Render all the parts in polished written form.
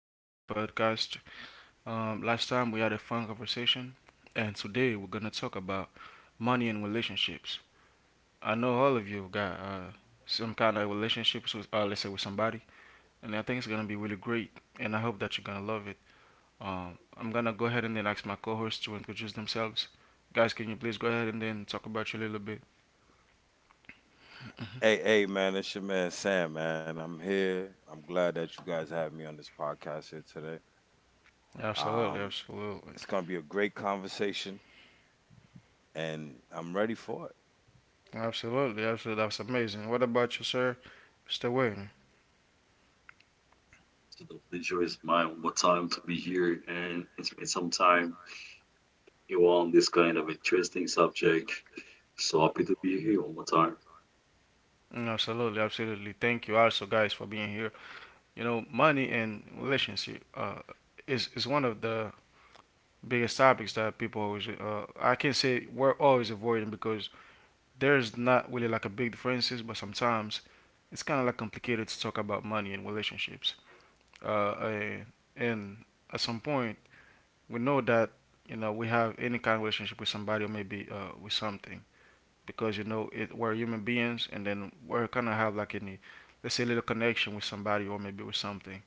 welcome to my podcast. Last time we had a fun conversation, and today we're gonna talk about money and relationships. I know all of you got some kind of relationships with, let's say, with somebody, and I think it's gonna be really great. And I hope that you're gonna love it. I'm gonna go ahead and then ask my co-hosts to introduce themselves. Guys, can you please go ahead and then talk about you a little bit? Hey, hey, man, it's your man Sam, man. I'm here. I'm glad that you guys have me on this podcast here today. Um, Absolutely, it's absolutely, gonna be a great conversation, and I'm ready for it. absolutely, absolutely. That's amazing. What about you, sir? Mr. Wayne? So the pleasure is mine one more time to be here and it's been some time you on this kind of interesting subject. So happy to be here one more time. Absolutely, absolutely. Thank you also, guys, for being here. Money and relationship is one of the biggest topics that people always. I can say we're always avoiding because there's not really like a big differences, but sometimes it's kind of like complicated to talk about money and relationships. Uh, and, and at some point, we know that we have any kind of relationship with somebody or maybe with something, because you know it, we're human beings, and then we're gonna have like any, let's say, little connection with somebody or maybe with something.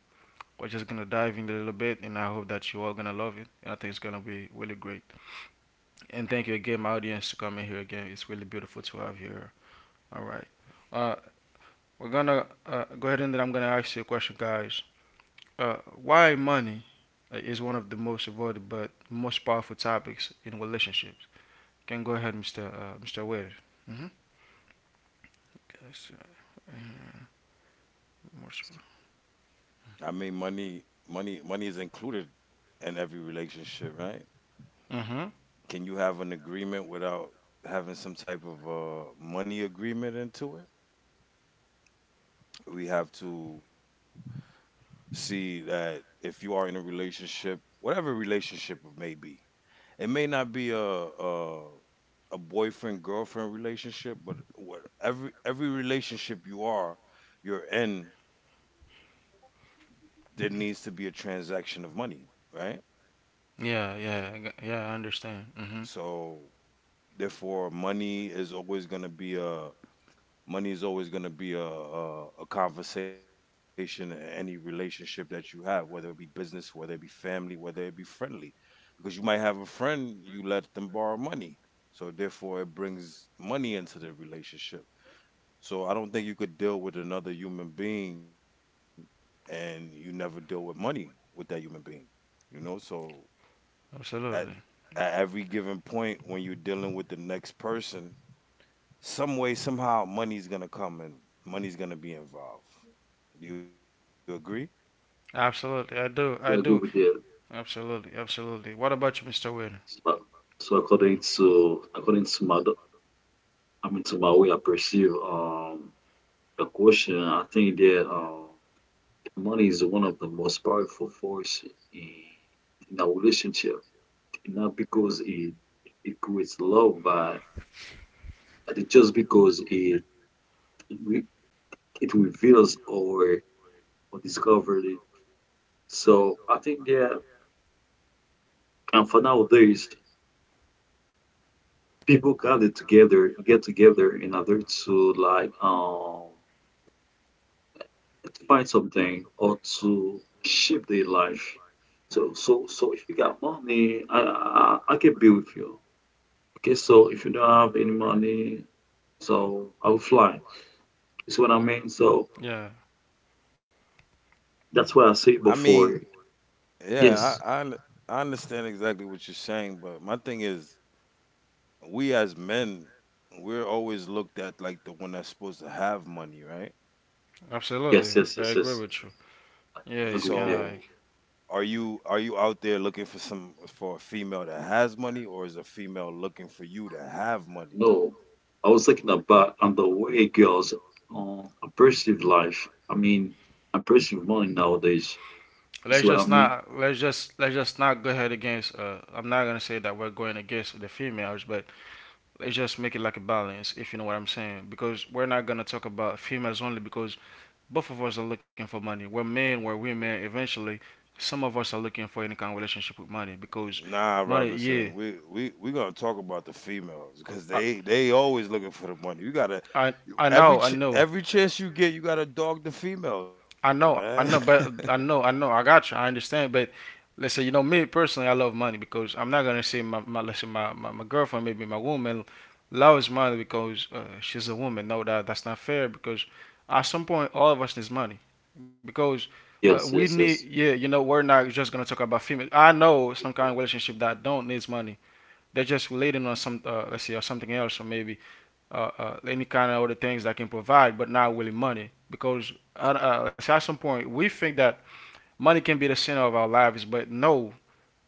We're just gonna dive in a little bit, and I hope that you all gonna love it. And I think it's gonna be really great. And thank you again, my audience, to come in here again. It's really beautiful to have you here. All right, uh, we're gonna go ahead and then I'm gonna ask you a question, guys. Why money is one of the most avoided but most powerful topics in relationships? You can go ahead, Mr. Wade. Mm-hmm. Yes, uh, most I mean, money is included in every relationship, right? Mhm. Can you have an agreement without having some type of money agreement into it? We have to see that if you are in a relationship, whatever relationship it may be, it may not be a, boyfriend girlfriend relationship, but what every relationship you're in, there needs to be a transaction of money, right? Yeah, yeah, yeah. I understand. Mhm. So therefore, money is always going to be a conversation in any relationship that you have, whether it be business, whether it be family, whether it be friendly, because you might have a friend you let them borrow money, so therefore it brings money into the relationship. So I don't think you could deal with another human being and you never deal with money with that human being, you know. So at Absolutely. at every given point when you're dealing with the next person, some way, somehow, money's gonna come and money's gonna be involved. Do you agree? Absolutely. I do. So I I agree do. with that. Absolutely. Absolutely. What about you, Mr. Wade? So, so, according to I mean, to my way I perceive the question. I think that money is one of the most powerful force in in our relationship. Not because it creates love, but it's just because it re- it reveals our or discovered it. So I think that and for nowadays people gather together get together in order to like to find something or to shape their life. So if you got money, I can be with you. Okay, so if you don't have any money, so I will fly. That's what I mean. So Yeah. that's I what I said mean, before. yeah, Yes, I understand exactly what you're saying, but my thing is, we as men, we're always looked at like the one that's supposed to have money, right? yes, Absolutely. I yes, yes, agree yes. with you. Yeah, it's I So, kind go of there. like are you out there looking for some for a female that has money, or is a female looking for you to have money? No, I was thinking about on the way girls uh, perceive life. I mean, I perceive money nowadays. See what I mean? Let's just not go ahead against. I'm not gonna say that we're going against the females, but let's just make it like a balance, if you know what I'm saying. Because we're not gonna talk about females only because both of us are looking for money. We're men, we're women. Eventually, some of us are looking for any kind of relationship with money because Nah, money. Yeah, Robinson, we gonna talk about the females because I, they always looking for the money. You gotta I know, I know, every chance you get, you gotta dog the females, man. I know, I know, but I got you. I understand, but let's say you know me personally, I love money, because I'm not gonna say my, my let's say my girlfriend, maybe my woman loves money because she's a woman. No, that's not fair, because at some point all of us needs money because we Yes, yes, need, yes. yeah, we're not just gonna talk about female. I know some kind of relationship that don't needs money. They're just relating on some let's see, or something else, or maybe any kind of other things that can provide but not really money, because let's say at some point we think that money can be the center of our lives, but no,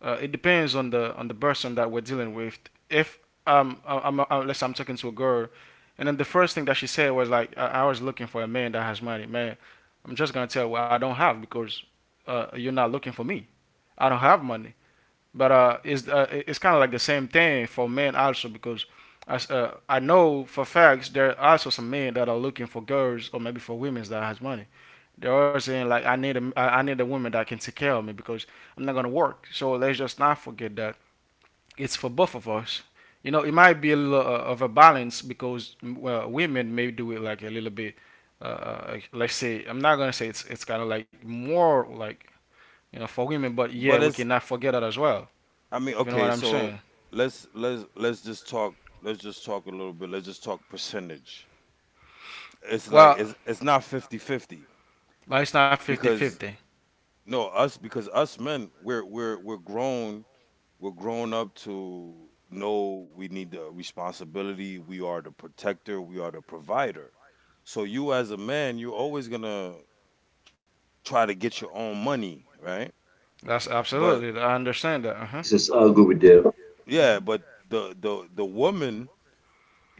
it depends on the person that we're dealing with. If I- I'm, I let's I'm talking to a girl, and then the first thing that she said was like, "I was looking for a man that has money." Man, I'm just gonna tell her I don't have, because you're not looking for me. I don't have money. But it's kind of like the same thing for men also, because I know for facts there are also some men that are looking for girls or maybe for women that has money. They are saying like I need a woman that can take care of me, because I'm not gonna work. So let's just not forget that it's for both of us. It might be a little of a balance, because well, women may do it like a little bit. Let's say I'm not gonna say it's kind of like more like for women, but but yeah, we it's cannot forget that as well. I mean, If you know what okay, I'm so saying. let's let's let's just talk let's just talk a little bit. Let's just talk percentage. It's like Well, it's not 50-50 like it's not because 50-50. no us because us men we're we're grown. We're grown up to know we need the responsibility. We are the protector. We are the provider. So you as a man, you're always gonna try to get your own money, right? That's But absolutely. I understand that. Uh huh. This is I agree with them. yeah, but the the the woman,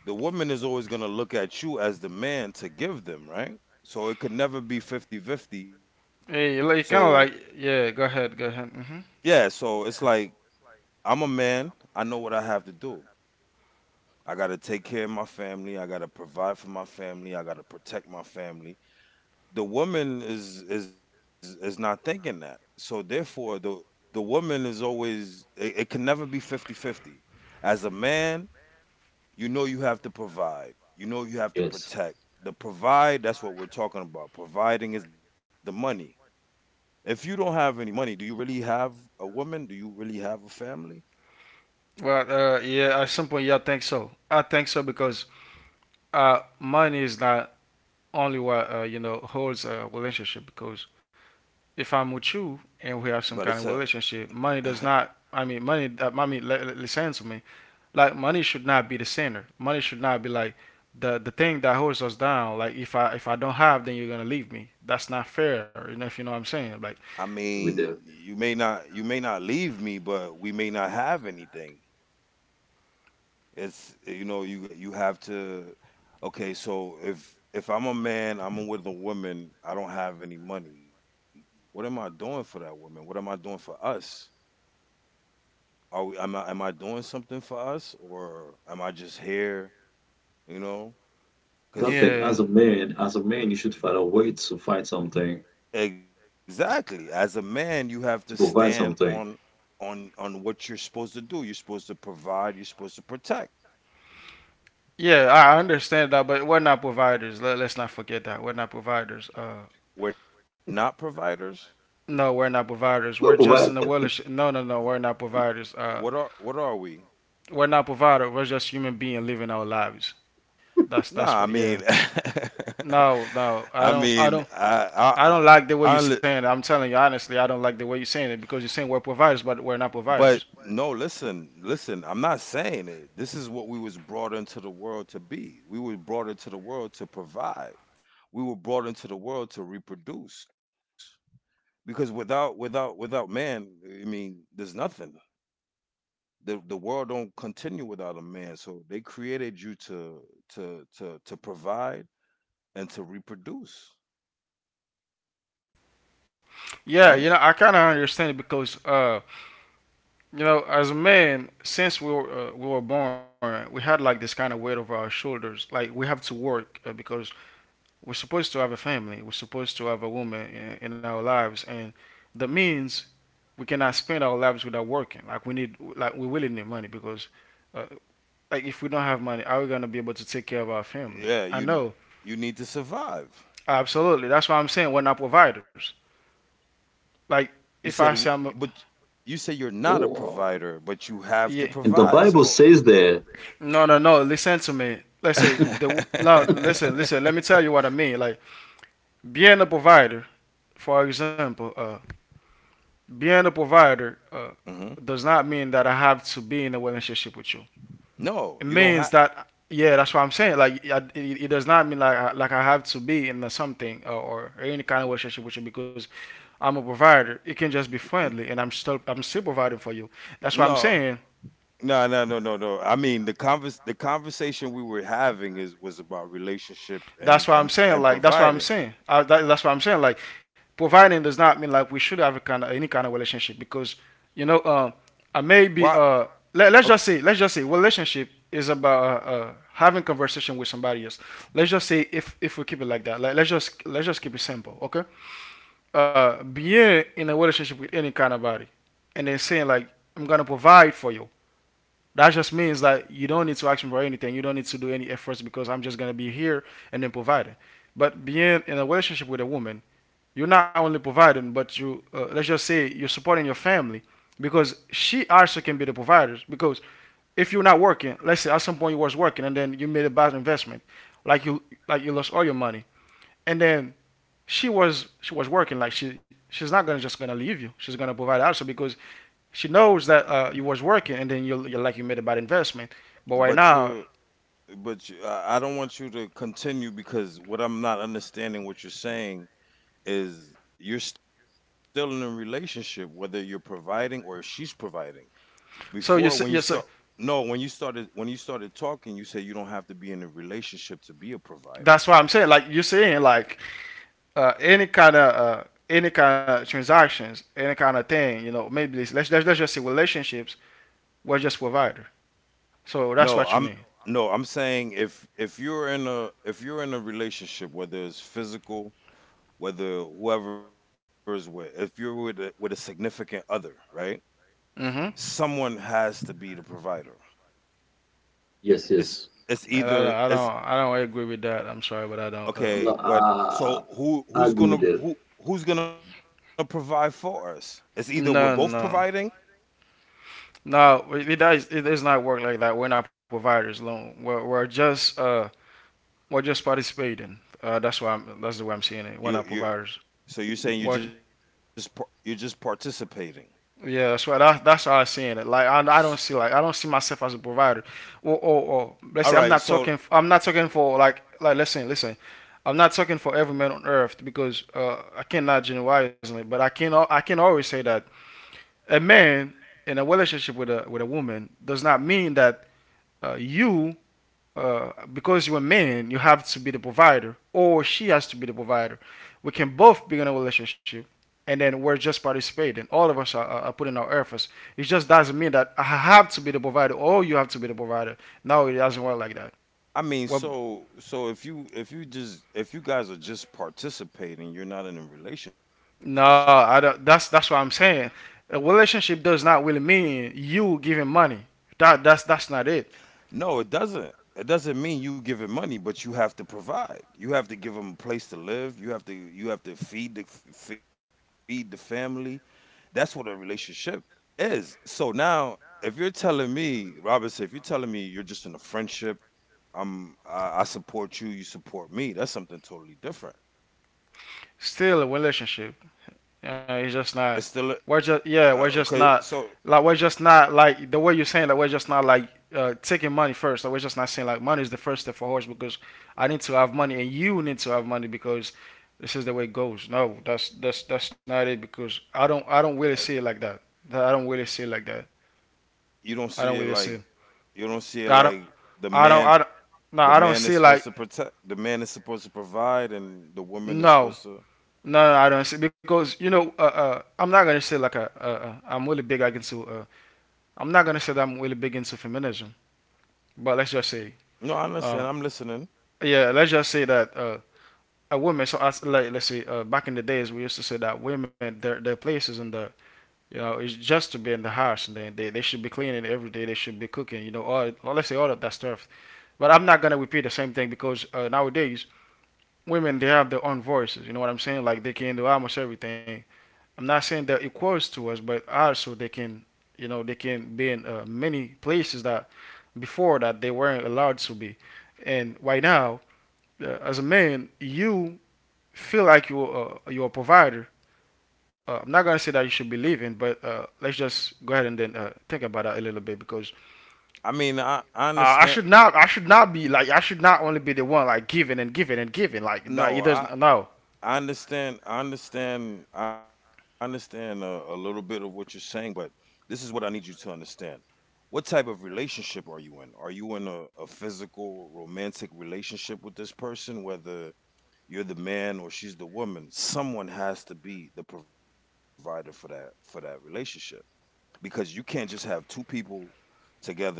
the woman is always gonna look at you as the man to give them, right? So it could never be fifty-fifty. Hey, So like, kind of like yeah. Go ahead. Go ahead. Hmm. yeah, so it's like I'm a man. I know what I have to do. I got to take care of my family. I got to provide for my family. I got to protect my family. The woman is not thinking that. So therefore the woman is always it can never be 50-50. As a man, you know you have to provide. You know you have to Yes, protect. The provide, that's what we're talking about. Providing is the money. If you don't have any money, do you really have a woman? Do you really have a family? Well, yeah, at some point, yeah, I think so. I think so, because money is not only what holds a relationship. Because if I'm with you and we have some But kind of it's a relationship, money does not. I mean, money. I mean, listen to me. Like, money should not be the center. Money should not be like the thing that holds us down. Like, if I don't have, then you're gonna leave me. That's not fair. You know, if you know what I'm saying. Like, I I agree with them. mean, you may not leave me, but we may not have anything. It's You know you have to. Okay, so if I'm a man, I'm with a woman. I don't have any money. What am I doing for that woman? What am I doing for us? Are we? Am I doing something for us, or am I just here? You know, So I think yeah. as a because man, you should find a way to find something, exactly as a man, you to have to provide something. stand on on what you're supposed to do. You're supposed to provide. You're supposed to protect. Yeah, I understand that, but we're not providers. Let's not forget that we're not providers. We're not providers. No, we're not providers. We're We'll just in provide. the world. No, no, no. We're not providers. Uh, What are we? we're not provider. We're just human being living our lives. That's No, that's what. I Yeah. mean, No, no. I I don't. I mean, don't. I I, don't li- like the way you're saying it. I'm telling you honestly, I don't like the way you're saying it, because you're saying we're providers, but we're not but providers. no, listen, listen. I'm not saying it. This is what we was brought into the world to be. We were brought into the world to provide. We were brought into the world to reproduce. Because without man, I mean, there's nothing. The world don't continue without a man. So they created you to provide and to reproduce, right? Yeah, I kind of understand it, because, as a man, since we were born, we had like this kind of weight over our shoulders. Like we have to work, because we're supposed to have a family. We're supposed to have a woman in our lives, and that means we cannot spend our lives without working. We really need money, because, uh, like, if we don't have money, are we gonna be able to take care of our family? Yeah, I know, you need to survive. absolutely. That's why I'm saying we're not providers. You Like, said, w- if I say but I'm, a, you said you're not a Oh, provider, but you have to yeah, and the provide. Bible So, says that. no, no, no. Listen to me. Let's say the now. Listen, listen. Let me tell you what I mean. Like being a provider, for example, being a provider Mhm. does not mean that I have to be in a relationship with you. No, It you don't means have. that, yeah, that's what I'm saying. Like it does not mean like I have to be in a something, or any kind of relationship with you, because I'm a provider. It can just be friendly, and I'm still providing for you. That's what I'm No, saying. no, no, no, no, no. I mean, the conversation we were having is was about relationship That's and what I'm saying. Like, that's what I'm providing. saying. That's what I'm saying. Like, providing does not mean like we should have a kind of any kind of relationship, because you know um I may be Why? Oh, let's just say relationship is about having conversation with somebody else. Let's just say if we keep it like that. Like, let's just keep it simple, okay? Being in a relationship with any kind of body and then saying like I'm gonna provide for you, that just means that you don't need to ask me for anything. You don't need to do any efforts, because I'm just gonna be here and then providing. But being in a relationship with a woman, you're not only providing, but you let's just say you're supporting your family, because she also can be the provider. Because if you're not working, let's say at some point you was working and then you made a bad investment, like you like you lost all your money, and then she was working, like she's not gonna just gonna leave you. She's gonna provide also, because she knows that you was working, and then you like you made a bad investment. But right but now, you're but you, I don't want you to continue because what I'm not understanding what you're saying is you're still in a relationship, whether you're providing or she's providing. so Before, when you you start, see, No, when you started talking, you said you don't have to be in a relationship to be a provider. that's why I'm saying, like, you're saying like any kind of transactions, any kind of thing, you know, maybe let's just say relationships, we're just provider. So that's No, what you I'm mean. no, I'm saying if you're in a relationship, whether it's physical, whether whoever is with, if you're with a significant other, right? Mm-hmm. Someone has to be the provider. Yes, It's yes. it's And either it's I don't agree with that. I'm sorry, but I don't. Okay, No, but so who I who's agree gonna with them. who who's gonna provide for us? It's either we're both No, providing. no, no. It does. It does not work like that. We're not providers alone. We're just participating. That's why that's the way I'm seeing it. You One up you with ours. So you're saying you're Well, just you're just participating. yeah, that's why that's how I'm seeing it. Like S I don't see myself as a provider. Or All let's say I'm right, not so talking. I'm not talking for like, listen, listen. I'm not talking for every man on earth because I cannot generalize it. But I can always say that a man in a relationship with a woman does not mean that you because you're a man, you have to be the provider, or she has to be the provider. We can both be in a relationship, and then we're just participating. All of us are putting our efforts. It just doesn't mean that I have to be the provider, or you have to be the provider. No, it doesn't work like that. I mean, Well, so if you just if you guys are just participating, you're not in a relationship. no, I don't, that's what I'm saying. A relationship does not really mean you giving money. That's that's not it. No, it doesn't. It doesn't mean you give him money, but you have to provide. You have to give him a place to live. You have to feed the family. That's what a relationship is. So now, if you're telling me, Robinson, if you're telling me you're just in a friendship, I'm, I support you, you support me. That's something totally different. Still a relationship. It's Yeah, it's still a- just not. We're just, yeah, okay. we're just So not, like, we're just not like the way you're saying, that we're just not like taking money first. Like, we're just not saying like money is the first step for horse because I need to have money and you need to have money because this is the way it goes. No, that's that's not it because I and don't I don't really see it like that. I don't really see it like that. you don't see I it don't really like see. It. you don't see it I don't like the I don't man, I don't no the I don't man is see supposed like to protect, the man is supposed to provide, and the woman is no. supposed to. No, I don't see because you know I'm not gonna say like a, I'm really big against I'm not gonna say that I'm really big into feminism, but let's just say, No, I uh, understand. I'm listening. yeah, let's just say that a woman. So, as, like, let's say back in the days, we used to say that women their places in the, you know, is just to be in the house and they should be cleaning every day. They should be cooking. You know, all, well, let's say all of that stuff. But I'm not gonna repeat the same thing because nowadays women they have their own voices. You know what I'm saying? Like they can do almost everything. I'm not saying they're equals to us, but also they can, you know, they can be in many places that before that they weren't allowed to be, and right now, as a man, you feel like you're a provider. I'm not gonna say that you should be leaving, but let's just go ahead and then think about that a little bit because I mean, I understand. I should not be like I should not only be the one like giving and giving and giving like that. No, It I doesn't, no. I understand. I understand. I understand a little bit of what you're saying, but this is what I need you to understand. What type of relationship are you in? Are you in a physical, romantic relationship with this person, whether you're the man or she's the woman? Someone has to be the provider for that relationship because you can't just have two people together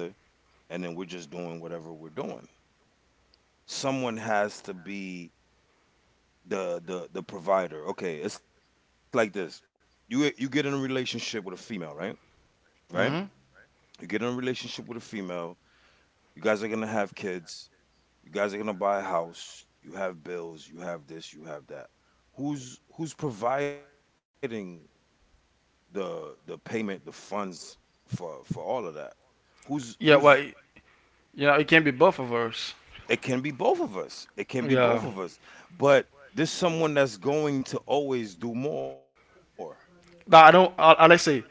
and then we're just doing whatever we're doing. Someone has to be the provider. Okay, it's like this. You get in a relationship with a female, right? Right? Hmm. You get in a relationship with a female. You guys are going to have kids. You guys are going to buy a house. You have bills, you have this, you have that. Who's providing the payment, the funds for all of that? Who's Yeah, who's well, you know, it can be both of us. It can be both of us. It can be both of Yeah, us. But there's someone that's going to always do more. but I don't. Let's say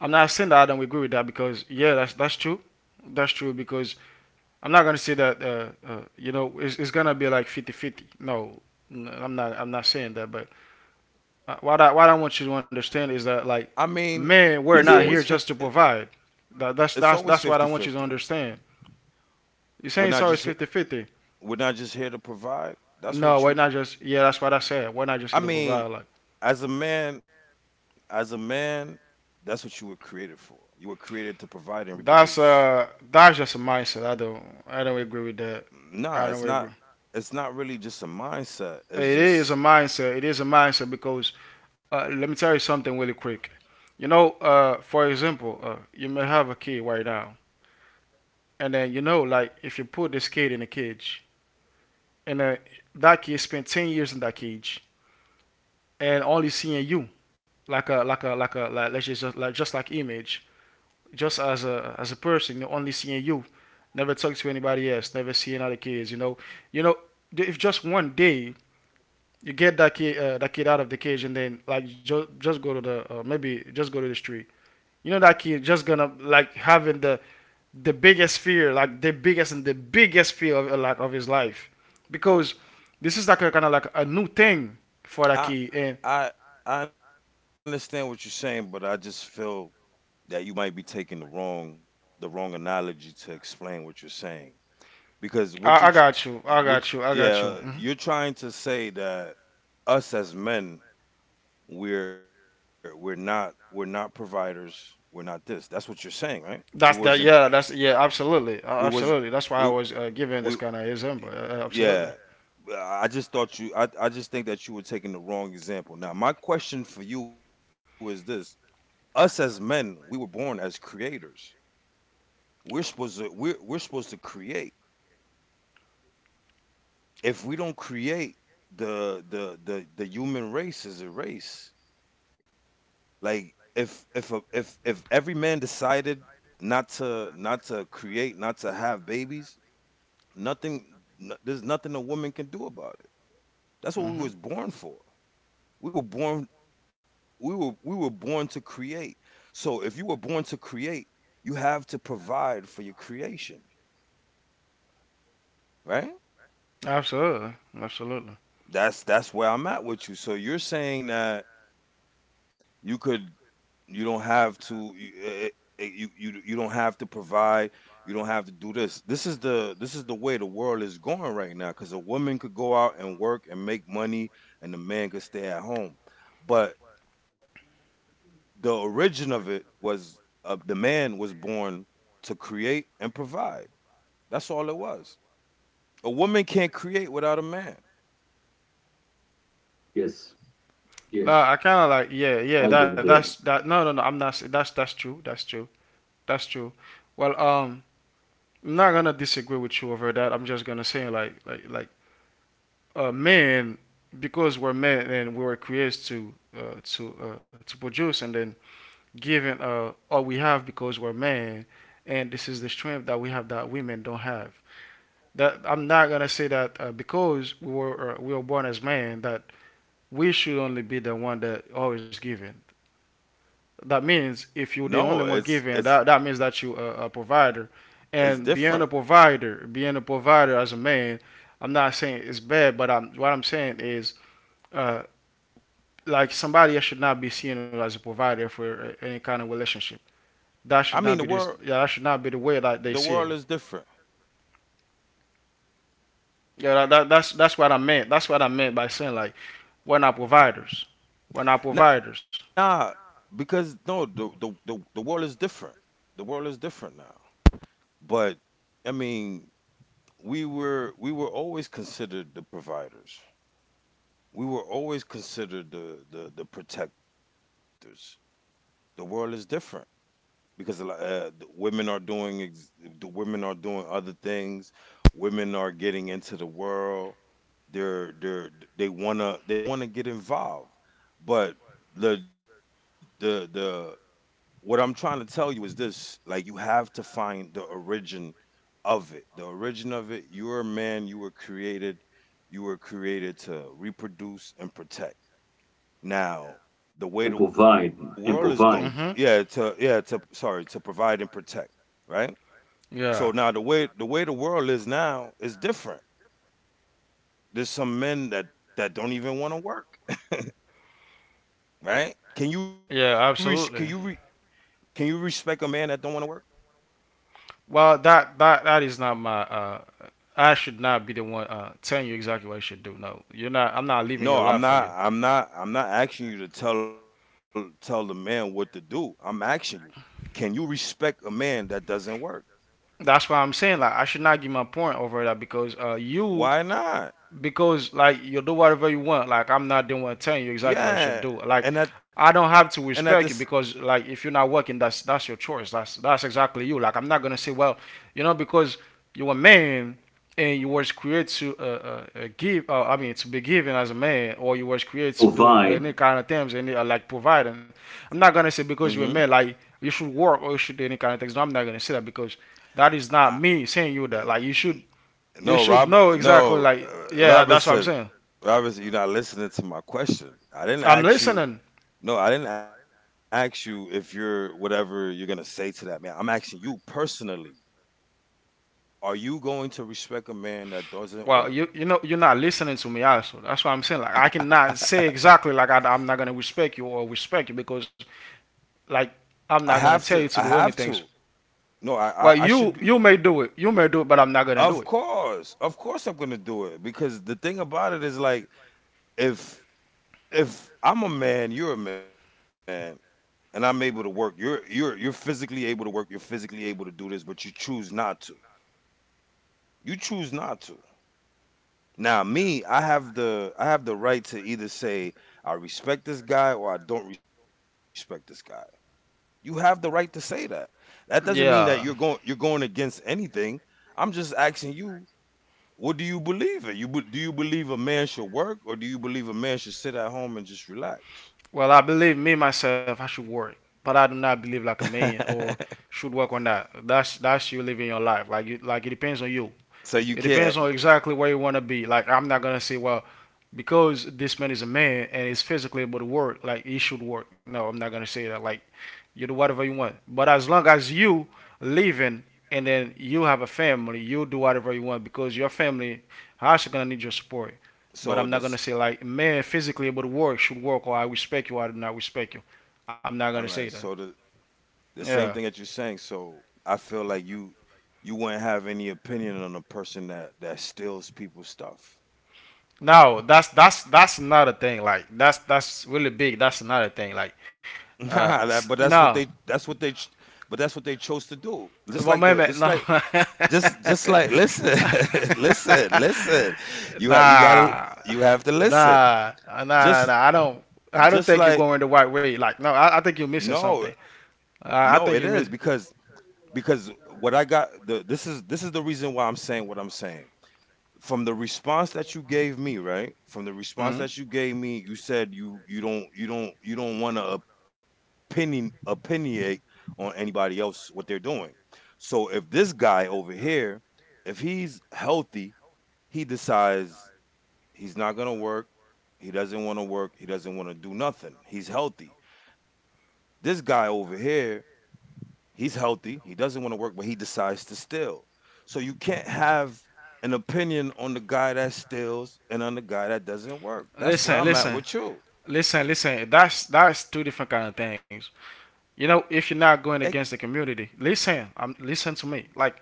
I'm not saying that I don't agree with that because yeah, that's true. That's true because I'm not gonna say that. You know, it's gonna be like 50-50. No, I I'm not. I'm not saying that. But what I want you to understand I is that, mean, like, it's man, always we're fif- With not it- here them. just to provide. That, it's that's always that's fifty that's what I want fifty. you to understand. You're We're saying not it's always just he- 50-50? we're not just here to provide. That's No, what we're you not just. Yeah, that's what I said. We're not just I here to mean, provide. Like as a man, that's what you were created for. You were created to provide and reproduce. That's just a mindset. I don't agree with that. I Nah, don't agree. It's not really just a mindset. It It's is a just mindset. It is a mindset because let me tell you something really quick. You know, for example, you may have a kid right now, and then you know, like if you put this kid in a cage, and that kid spent 10 years in that cage and only seeing you, like a like a like a like let's just like image, just as a person, you're only seeing you, never talk to anybody else, never seeing other kids. You know, if just one day you get that kid out of the cage and then like just go to the maybe just go to the street, you know, that kid just gonna like having the biggest fear, like the biggest and the biggest fear of like of his life because this is like a kind of like a new thing for that I kid and I I understand what you're saying, but I just feel that you might be taking the wrong analogy to explain what you're saying because what you I got you I Would got you I got you yeah, Hmm. you're trying to say that us as men, we're not providers, we're not this. That's what you're saying, right? We that's wasn't that yeah that's yeah absolutely we uh, was absolutely That's why I we was giving this we kind of example. Absolutely. Yeah. I just think that you were taking the wrong example. Now my question for you is this: us as men, we were born as creators. We're supposed to create. If we don't create, the human race is a race. Like if a, if if every man decided not to create, not to have babies, nothing no- there's nothing a woman can do about it. That's what we Hmm. was born for. We were born to create. So if you were born to create, you have to provide for your creation, right? Absolutely. Absolutely. That's where I'm at with you. So you're saying that you could you don't have to you, eh, eh, eh, you don't have to provide, you don't have to do this. This is the way the world is going right now because a woman could go out and work and make money and the man could stay at home. But the origin of it was the man was born to create and provide. That's all it was. A woman can't create without a man. Yes, No, yes. I kind of like, yeah, I yeah. agree That with that's them. that. No, no, no. I'm not. S- that's true. That's true. That's true. Well, I'm not gonna disagree with you over that. I'm just gonna say like men, because we're men and we were created to to produce and then given all we have because we're men, and this is the strength that we have that women don't have. That I'm not gonna say that because we were born as men, that we should only be the one that always giving. That means No, if you're the it's only it's one giving, that means that you're a provider. it's And different. Being a provider as a man, I'm not saying it's bad, but what I'm saying is uh, like somebody else should not be seen as a provider for any kind of relationship. I That mean, the should not be world this. Yeah, that should not be the way that the they see world it. is different. Yeah, that's that's what I meant. That's what I meant by saying like we're not providers. We're not Nah, providers. because no, the world is different. The world is different now. But I mean, we were always considered the providers. We were always considered the protectors. The world is different because the women are doing other things. Women are getting into the world. They're they're they wanna get involved. But the what I'm trying to tell you is this, like, you have to find the origin of it. The origin of it, you're a man, you were created to reproduce and protect. Now, the way the And world is going, provide, and yeah, provide. to Mm-hmm. yeah, to sorry, to provide and protect, right? So now Yeah. the way the world is now is different. There's some men that don't even want to work, right? Can you re? can Yeah. you re- Absolutely. can you respect a man that don't want to work? Well, that is not my. I should not be the one telling you exactly what you should do. No, you're not. I'm not living No, your I'm life for not. you. I'm not. I'm not asking you to tell the man what to do. I'm asking you, can you respect a man that doesn't work? That's why I'm saying like I should not give my point over that because you, Why not? because like you'll do whatever you want. Like I'm not doing telling you exactly what you should Yeah, do. Like and at I don't have this. to respect you because like if you're not working, that's your choice. That's exactly you. Like, I'm not gonna say, well, you know, because you're a man and you was created to give. I mean, to be given as a man, or you was created to do Provide. any kind of things, any like providing. I'm not gonna Mm-hmm. say because you're a man, like you should work or you should do any kind of things. No, I'm not gonna say that because that is I, not me saying you that. Like n- you no, should Rob. know exactly. No, Like, yeah, Robert that's what I'm said. saying. Robert said, you're not listening to my question. I didn't I'm ask you. listening. No, I didn't ask you if you're whatever you're gonna say to that man. I'm asking you personally. Are you going to respect a man that doesn't Well, work? you know you're not listening to me also. That's what I'm saying. Like I cannot say exactly like I'm not gonna respect you or respect you because I like have I'm to. I not gonna have tell you to to. do anything. No, I Well, should be. you may do it. You may do it, but I'm not gonna do it. Of course, I'm gonna do it because the thing about it is, like, if if I'm a man, you're a man, and I'm able to work. You're physically able to work. You're physically able to do this, but you choose not to. You choose not to. Now, me, I have the right to either say I respect this guy or I don't respect this guy. You have the right to say that. That doesn't mean that Yeah. You're going against anything. I'm just asking you, what do you believe in? Do you believe a man should work, or do you believe a man should sit at home and just relax? Well, I believe me myself. I should work, but I do not believe like a man or should work on that. That's you living your life. Like you, like it depends on you. So you It depends can't. on exactly where you want to be. Like, I'm not gonna say, well, because this man is a man and is physically able to work, like he should work. No, I'm not gonna say that. Like, you do whatever you want. But as long as you living and then you have a family, you do whatever you want because your family also gonna need your support. But So I'm not gonna this. say like man physically able to work should work or I respect you or I do not respect you. All right. I'm So not gonna the say that. the same thing that Yeah. you're saying. So I feel like you wouldn't have any opinion on a person that steals people's stuff. No, that's that's another thing. Like that's really big. That's another thing. Like Nah, that, but that's what no. they ch- but that's what they chose to do. Just like the, What just moment? like, No. just like, listen. Listen, you have you gotta Nah. you have to listen. Nah. Just I don't. I don't just think you're like, going the right way. Like, no, I no, think you're missing something. no, it is I think you're because missing. because what I got, the this is the reason why I'm saying what I'm saying. From the response that you gave me, right, from the response Hmm. that you gave me, you said you don't want to opinionate on anybody else what they're doing. So if this guy over here, if he's healthy, he decides he's not going to work. He doesn't want to work. He doesn't want to do nothing. He's healthy. This guy over here, he's healthy. He doesn't want to work, but he decides to steal. So you can't have an opinion on the guy that steals and on the guy that doesn't work. That's where Listen, I'm at listen, with you. listen. That's two different kind of things. You know, if Eh, you're not going against the community, listen. Listen to me. Like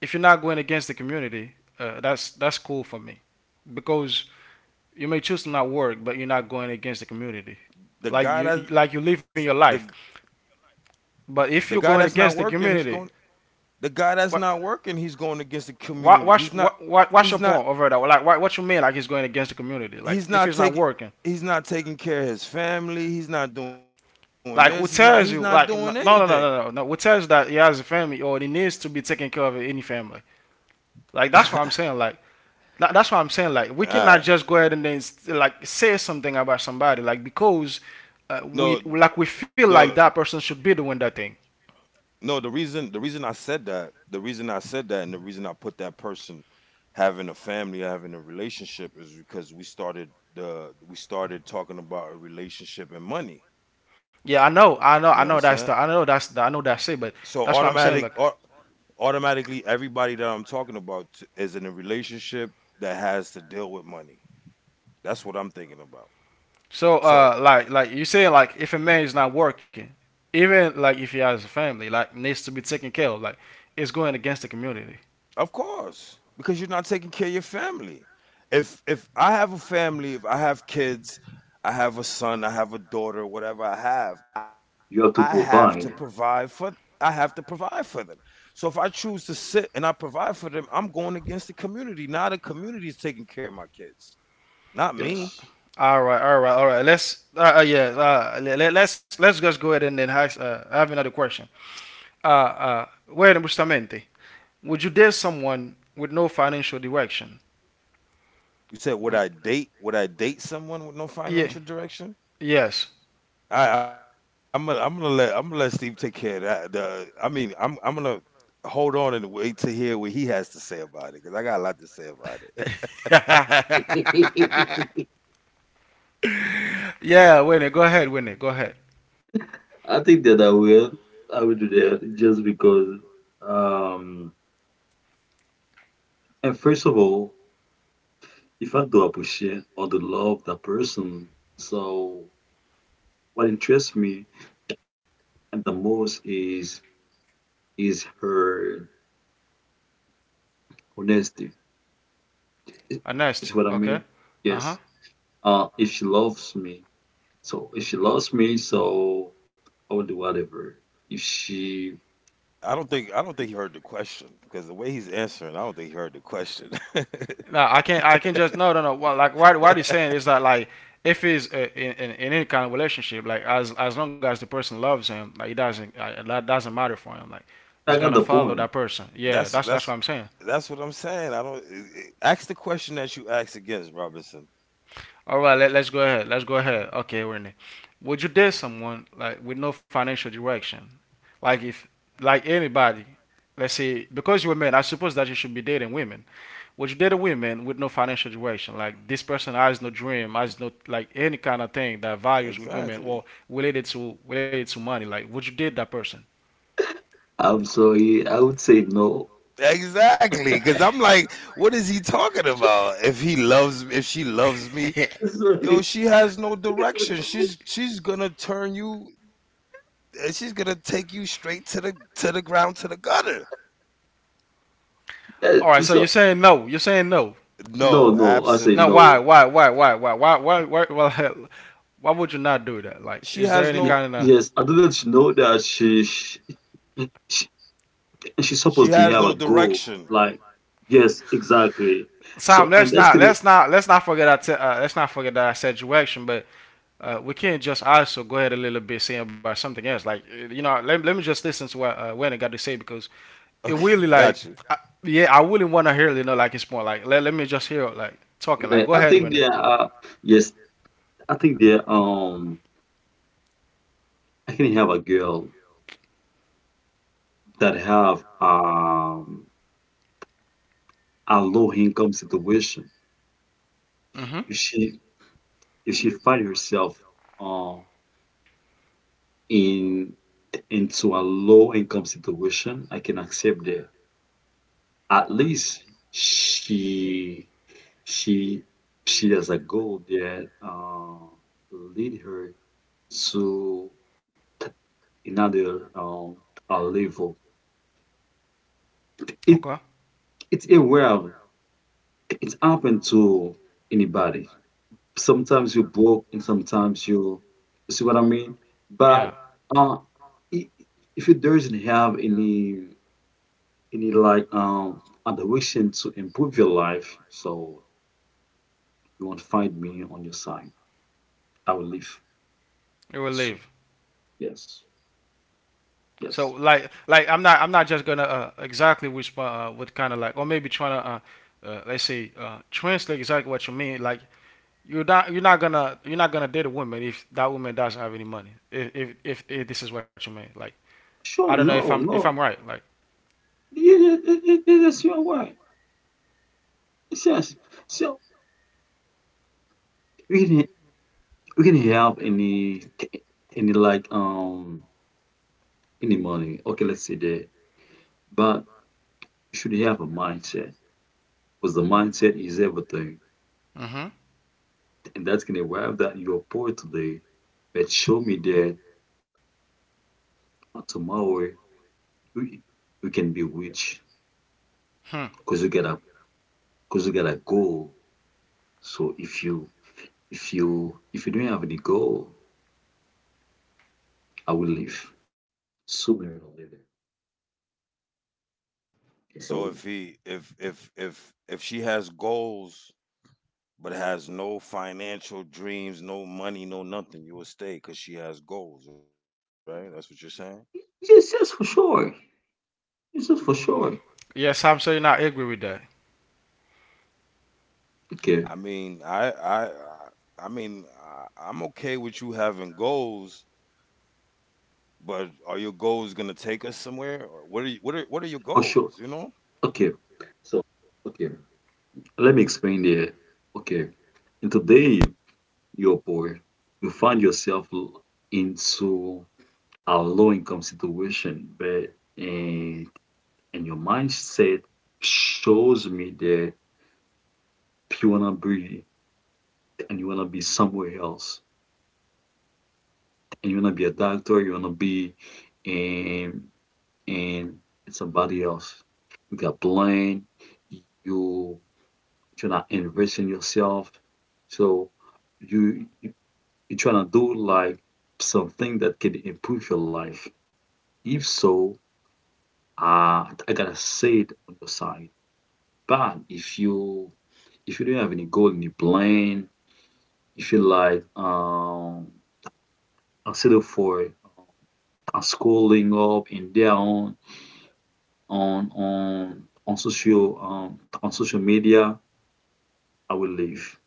if you're not going against the community, that's cool for me, because you may choose to not work, but you're not going against the community, the like guy that's you're the living your life. the guy But that's if you're not going working, against the he's going. community, The guy that's what? not working, he's going against the community. He's not. What's your He's not point over that? Like, what you mean? Like, he's going against the community? Like, he's if not it's not taking working, he's not taking care of his family. He's not doing this. He's like, who not doing tells you? Like, anything. No. Who tells you that he has a family or he needs to be taking care of any family? Like, All that's what I'm saying. Like, we cannot right. just go ahead and then say something about somebody because we No, we feel like that person should be doing that thing. The reason, the reason I said that the reason I said that and the reason I put that person having a family, having a relationship, is because we started talking about a relationship and money. Yeah, You I know, understand? I know, I know that's the, I know that's the, I know So that's it. But that's automatic, what I'm saying. Like, automatically, everybody that I'm talking about is in a relationship that has to deal with money. That's what I'm thinking about. so So, like you saying, like, if a man is not working, even if he has a family, needs to be taken care of, like it's going against the community. of course, because you're not taking care of your family. If I have a family, if I have kids, I have a son, I have a daughter, whatever I have You to have to provide for provide. I have to provide for them. So if I choose to sit and not provide for them, I'm going against the community. Now the community is taking care of my kids, not me. Yes. All right, all right, all right. Let's yeah, let's just go ahead and then ask, I have another question. Where justamente, would you date someone with no financial direction? You said Would, would I date someone with no yeah, financial direction? yes. I'm gonna let Steve take care of that. I mean, I'm gonna hold on and wait to hear what he has to say about it because I got a lot to say about it. I Yeah, Winnie, go ahead, Winnie, go ahead. think that I will. I will do that just because. Um, and first of all, if I do appreciate or do love that person, so what interests me and the most is her honesty. It, A it's nasty, what I okay? mean. Uh huh. Yes. If she loves me, if she loves me, so I will do whatever. If she, I don't think he heard the question because the way he's answering, I don't think he heard the question. No, I can't. I can just no, no, no. Well, like what he's saying is that, like, if he's in any kind of relationship, like as long as the person loves him, like it doesn't that doesn't matter for him. Like it's I got gonna the follow point. that person. Yeah, that's that's what that's I'm saying. that's what I'm saying. I don't ask the question that you asked against Robinson. All right, let's go ahead. Let's go ahead. Okay, Whitney, would you date someone, like, with no financial direction, like if anybody? Let's say, because you were men, I suppose that you should be dating women. Would you date a woman with no financial direction? Like, this person has no dream, has no like any kind of thing that values with women Exactly. or related to money. Like, would you date that person? I'm sorry. I would say no. Exactly, because I'm like, what is he talking about? If he loves, if she loves me, yo, Sorry. she has no direction. She's gonna turn you, and she's gonna take you straight to the ground, to the gutter. Yeah, All right, so you're so saying no. You're saying no. no, No, no. I say Now, absolutely, no. Why would you not do that? Like, she is there has any no, kind of Yes, I didn't know that she she's she supposed to has no have a goal. direction. Like, yes, exactly. Tom, So in that's case, let's not forget our let's not forget our situation, but we can not just also go ahead a little bit saying about something else. Like, you know, let me just listen to what Wendy got to say because Okay, it really like gotcha. I, yeah, I really want to hear, you know, like it's more like let me just hear like talking like like, go I ahead think they Wendy. are. Yes, I think they are, I can have a girl that have a low income situation. Mm-hmm. If she find herself uh, in into a low income situation, I can accept that. At least she she has a goal that lead her to another a level. It Okay. it's aware of- it's open to anybody. Sometimes you broke and sometimes you, you see what I mean? Yeah. But uh, i- if you doesn't have any like direction to improve your life, so you won't find me on your side. I will leave. It will So, leave. yes, So yes. like I'm not just gonna exactly respond what kind of like or maybe trying to let's say translate exactly what you mean, like you're not you're not gonna date a woman if that woman doesn't have any money. If this is what you mean, like I don't Sure, know if no, no. I'm right. Like, Yeah, yeah, it's your way. It's yes. So we can we can have any like any money. Okay, let's say that. But you should have a mindset because the mindset is everything. mm-hmm. And that's gonna arrive that you are poor today, but show me that tomorrow you, you can be rich Hmm. because you got a because you got a goal. So if you if you don't have any goal, I will leave sooner or later. So So if she has goals but has no financial dreams, no money, no nothing, you will stay because she has goals, right? That's what you're saying. yes, yes, for sure. Yes, yes, for sure. Yes, I'm sure you're not agree with that. Okay, I mean, I mean, I'm okay with you having goals, but are your goals gonna take us somewhere? Or what are your for goals? You sure. know, Okay, so okay, let me explain there. Okay, and today your poor, you find yourself into a low income situation, but and your mindset shows me that you wanna be and you wanna be somewhere else, and you wanna be a doctor, you wanna be and and somebody else. You got blind, you you're not investing yourself, so you you- you're trying to do like something that can improve your life. If so, I gotta say it on your side. But if you don't have any goal in your plan, if you like settle for scrolling up and there on social on social media, I will leave.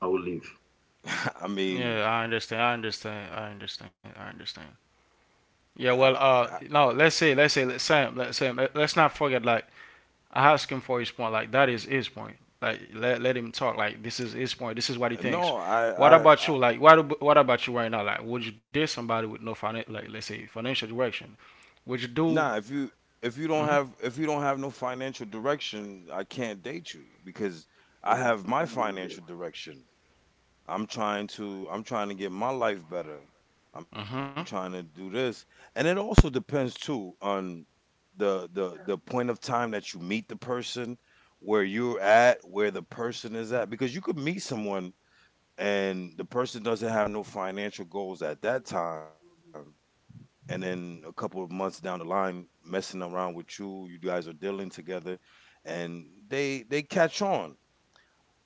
I will leave. I mean, Yeah, I understand. I, Yeah, well, I no, let's Sam, let's not forget. Like, I asked him for his point. Like, that is his point. Like, let him talk. Like, this is his point. This is what he no, thinks. What I about you? Like, what about you right now? Like, would you date somebody with no financial, like, let's say, financial direction? Would you Nah, if do you if mm-hmm. you don't have no financial direction, I can't date you because I Yes, have my I'll go with that. financial direction. I'm trying to get my life better. I'm trying Mm-hmm. to do this. And it also depends too on the point of time that you meet the person, where you're at, where the person is at, because you could meet someone and the person doesn't have no financial goals at that time, and then a couple of months down the line messing around with you, you guys are dealing together and they catch on.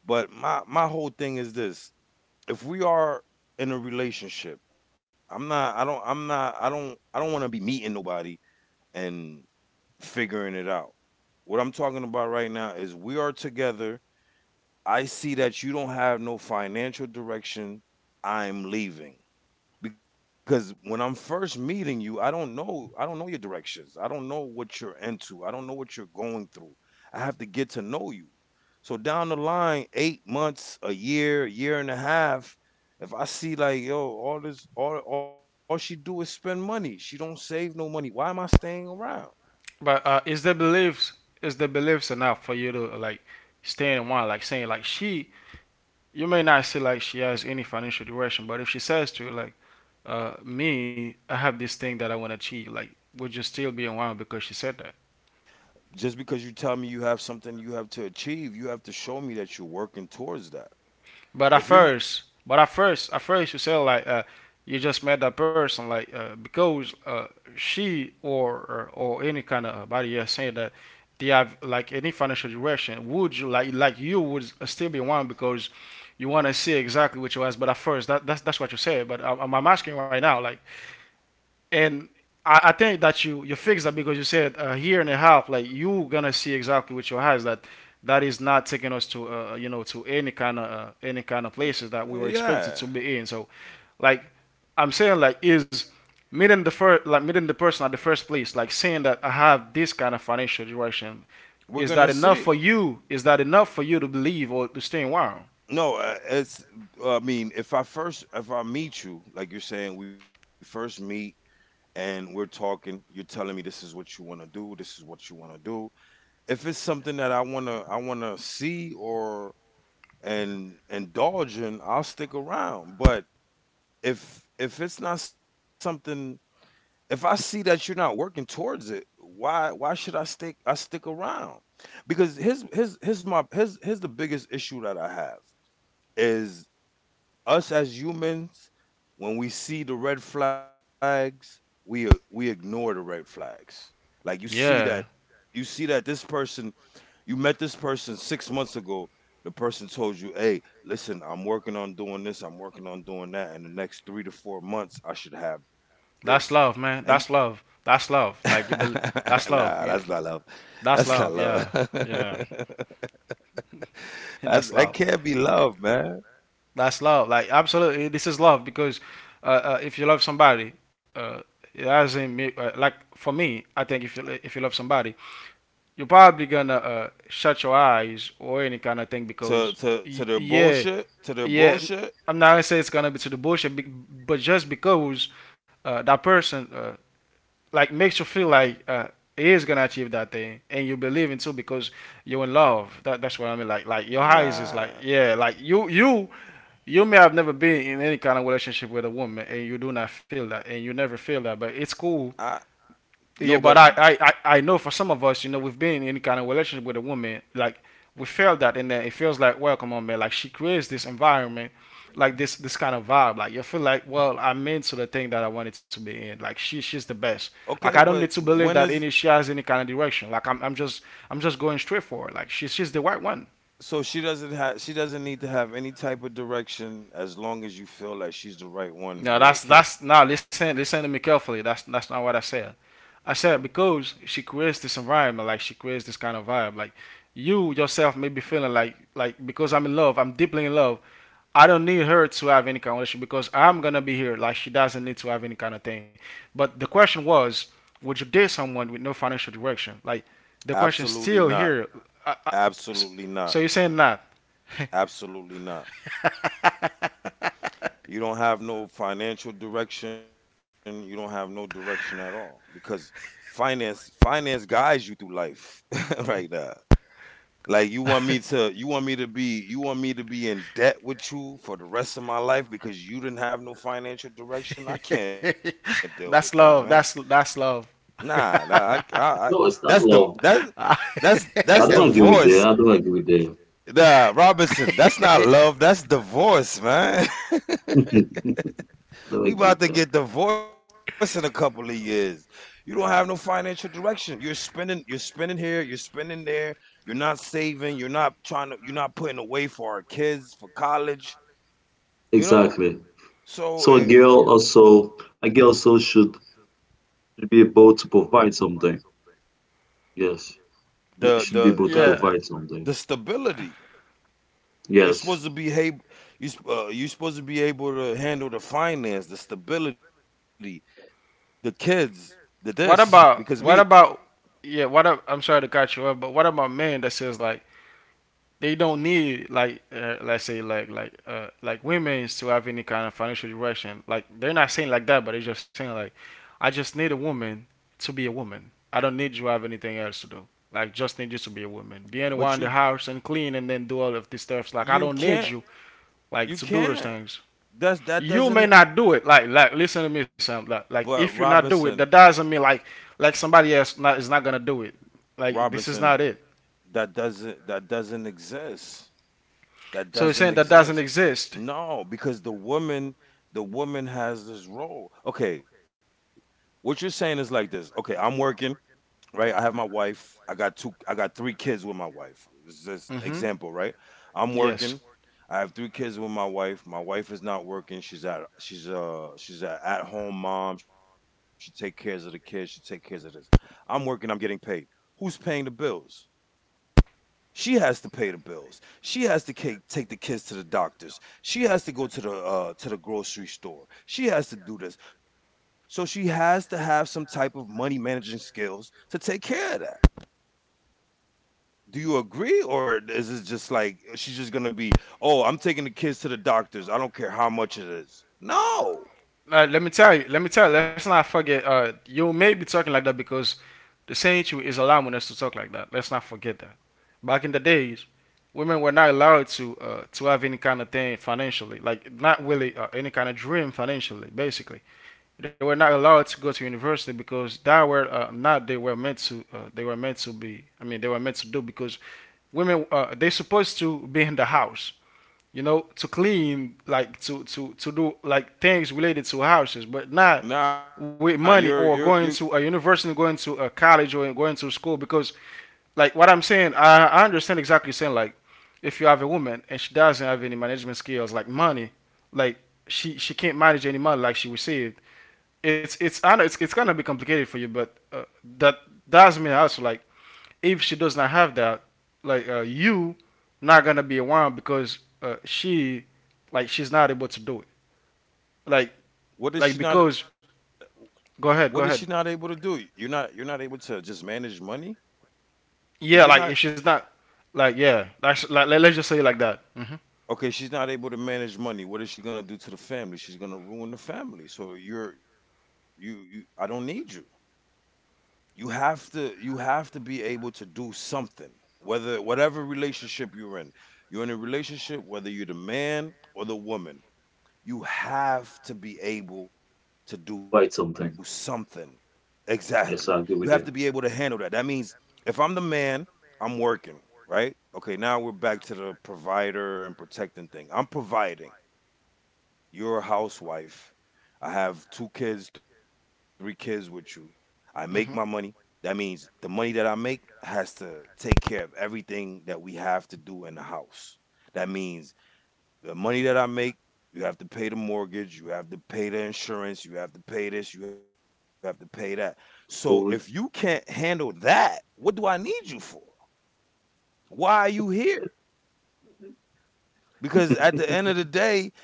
But my whole thing is this: if we are in a relationship, I don't want to be meeting nobody and figuring it out. What I'm talking about right now is we are together. I see that you don't have no financial direction, I'm leaving. Because when I'm first meeting you, I don't know your directions. I don't know what you're into. I don't know what you're going through. I have to get to know you. So down the line, 8 months, a year, year and a half, if I see like, yo, all this all she do is spend money. She don't save no money. Why am I staying around? But is the beliefs enough for you to like stay in one? Like saying like she, you may not see like she has any financial direction, but if she says to you, like, me, I have this thing that I want to achieve, like, would you still be in one because she said that? Just because you tell me you have something you have to achieve, you have to show me that you're working towards that. But at If you're not, first, at first, you say like you just met that person, like, because she or, or any kind of body, yeah, saying that they have like any financial direction. Would you like you would still be one because you want to see exactly what you ask? But at first, that's what you said. But I'm asking right now like and I think that you fixed that because you said a year and a half, like you gonna see exactly with your eyes that that is not taking us to you know, to any kind of places that we were expected yeah. to be in. So like I'm saying, like, is meeting the first, like meeting the person at the first place, like saying that I have this kind of financial direction, We're is gonna that enough see. for you? Is that enough for you to believe or to stay in wow? No, it's. I mean, if I first, if I meet you, like you're saying, we first meet and we're talking. You're telling me this is what you want to do. This is what you want to do. If it's something that I I wanna see or and indulge in, I'll stick around. But if it's not something, if I see that you're not working towards it, why should I stick? I stick around because here's here's here's my here's here's the biggest issue that I have is us as humans. When we see the red flags, we ignore the red flags. Like you see that, Yeah, you see that this person, you met this person 6 months ago, the person told you, "Hey, listen, I'm working on doing this, I'm working on doing that. In the next 3 to 4 months I should have this." that's And you love, man. That's love. That's love. Like, you believe. nah, That's that's love. not You, love. That's that's not love. love. Yeah. Yeah. That, That's that love. can't be love, man. That's love. Like absolutely, this is love because if you love somebody, uh, it doesn't mean like for me. I think if you love somebody, you're probably gonna shut your eyes or any kind of thing to because to to their yeah, bullshit, to their yeah. bullshit. I'm not gonna say it's gonna be to the bullshit, but just because that person like makes you feel like he is gonna achieve that thing, and you believe in too because you're in love. That that's what I mean. Like your eyes is like Nah. yeah, like you you may have never been in any kind of relationship with a woman, and you do not feel that, and you never feel that, but it's I cool. no, but Yeah, but I know for some of us, you know, we've been in any kind of relationship with a woman, like we felt that, and then it feels like, well, come on, man, like she creates this environment, like this kind of vibe, like you feel like, well, I'm into the thing that I wanted to be in, like she's the okay, best, but like I don't when need to is, believe that any she has any kind of direction, like I'm just going straight for it, like she's the right one. so she doesn't have, she doesn't need to have any type of direction, as long as you feel like she's the right one, No, you're okay? that's now listen listen to me carefully. That's not what I said. I said because she creates this environment, like she creates this kind of vibe. Like you yourself may be feeling like because I'm in love, I'm deeply in love. I don't need her to have any kind of relationship because I'm gonna be here. Like, she doesn't need to have any kind of thing. But the question was, would you date someone with no financial direction? Like, the question's Absolutely still not. here. I, I, Absolutely not. so you're saying not? Absolutely not. You don't have no financial direction, you don't have no direction at all, because finance guides you through life right now. Like, you want me to, you want me to be, you want me to be in debt with you for the rest of my life because you didn't have no financial direction? I can't deal with that, man. That's love. That's love. Nah, nah, I, I, I No, it's that's not the, love. that's, that's I don't agree with divorce. that. I don't agree with that. Nah, Robinson, that's not love, that's divorce, man. I don't We agree about with to that. get divorced in a couple of years. You don't have no financial direction. You're spending here, you're spending there, you're not saving, you're not trying to, you're not putting away for our kids for college, you know? Exactly. So So a it, girl also a girl also should be able to provide something. Yes. It the should be the able to the Yeah. provide something. the stability, you're supposed Yes. to be able, you you're supposed to be able to handle the finance, the stability, the kids, the this, because me, What about, yeah? I'm sorry to cut you off, but what about men that says like, they don't need like let's say like women to have any kind of financial direction. Like, they're not saying like that, but they're just saying like, I just need a woman to be a woman. I don't need you to have anything else to do. Like, just need you to be a woman, be in but the you, house and clean and then do all of these stuffs. Like, I you don't need can't you like you to do those can't things. that's, that You may doesn't, not do it. Like listen to me, Sam. But Like if you Robinson, not do it, that doesn't mean like somebody else not is not gonna do it. Like, this is Robinson, not it. that doesn't exist. That So he's doesn't saying that doesn't exist. exist. No, because the woman has this role. Okay, what you're saying is like this. Okay, I'm working, right? I have my wife. I got two, I got three kids with my wife. It's just Mm-hmm. example, right? I'm Yes. working. I have three kids with my wife. My wife is not working. She's at, she's a at home mom. She take cares of the kids. She take cares of this. I'm working. I'm getting paid. Who's paying the bills? She has to pay the bills. She has to ca- take the kids to the doctors. She has to go to the grocery store. She has to do this. So she has to have some type of money managing skills to take care of that. Do you agree, or is it just like, she's just gonna be, "Oh, I'm taking the kids to the doctors. I don't care how much it is"? No, Now, let me tell you. Let me tell you. Let's not forget. You may be talking like that because the century is allowing us to talk like that. Let's not forget that. Back in the days, women were not allowed to have any kind of thing financially, like not really any kind of dream financially. Basically, they were not allowed to go to university because that were not they were meant to. They were meant to be. I mean, they were meant to do because women they supposed to be in the house, you know, to clean, like to do like things related to houses, but not nah, you're with you. money or going to a university, going to a college, or going to school. Because like what I'm saying, I understand exactly saying like if you have a woman and she doesn't have any management skills, like money, like she can't manage any money like she received. It's I know it's gonna be complicated for you, but that does mean also like if she does not have that, like you, not gonna be around because she, like, she's not able to do it. Like, What is like she not? because What is she go not ahead, go able to ahead. do? You're not, you're not able to just manage money. If Yeah, you're like not, if she's not, like yeah, that's like let's just say it like that. Hmm. okay, she's not able to manage money. What is she gonna do to the family? She's gonna ruin the family. So you're, you, I don't need you. You have to be able to do something, whether whatever relationship you're in, you're in a relationship, whether you're the man or the woman, you have to be able to do Provide something. something. Exactly, you have Yes, to I be agree able with to you. handle that. That means if I'm the man, I'm working, right? Okay, now we're back to the provider and protecting thing. I'm providing, you're a housewife. I have two kids, three kids with you. I make my money. Hmm. That means the money that I make has to take care of everything that we have to do in the house. That means the money that I make, you have to pay the mortgage, you have to pay the insurance, you have to pay this, you have to pay that. So if you can't Food. handle that, what do I need you for? Why are you here? Because at the end of the day,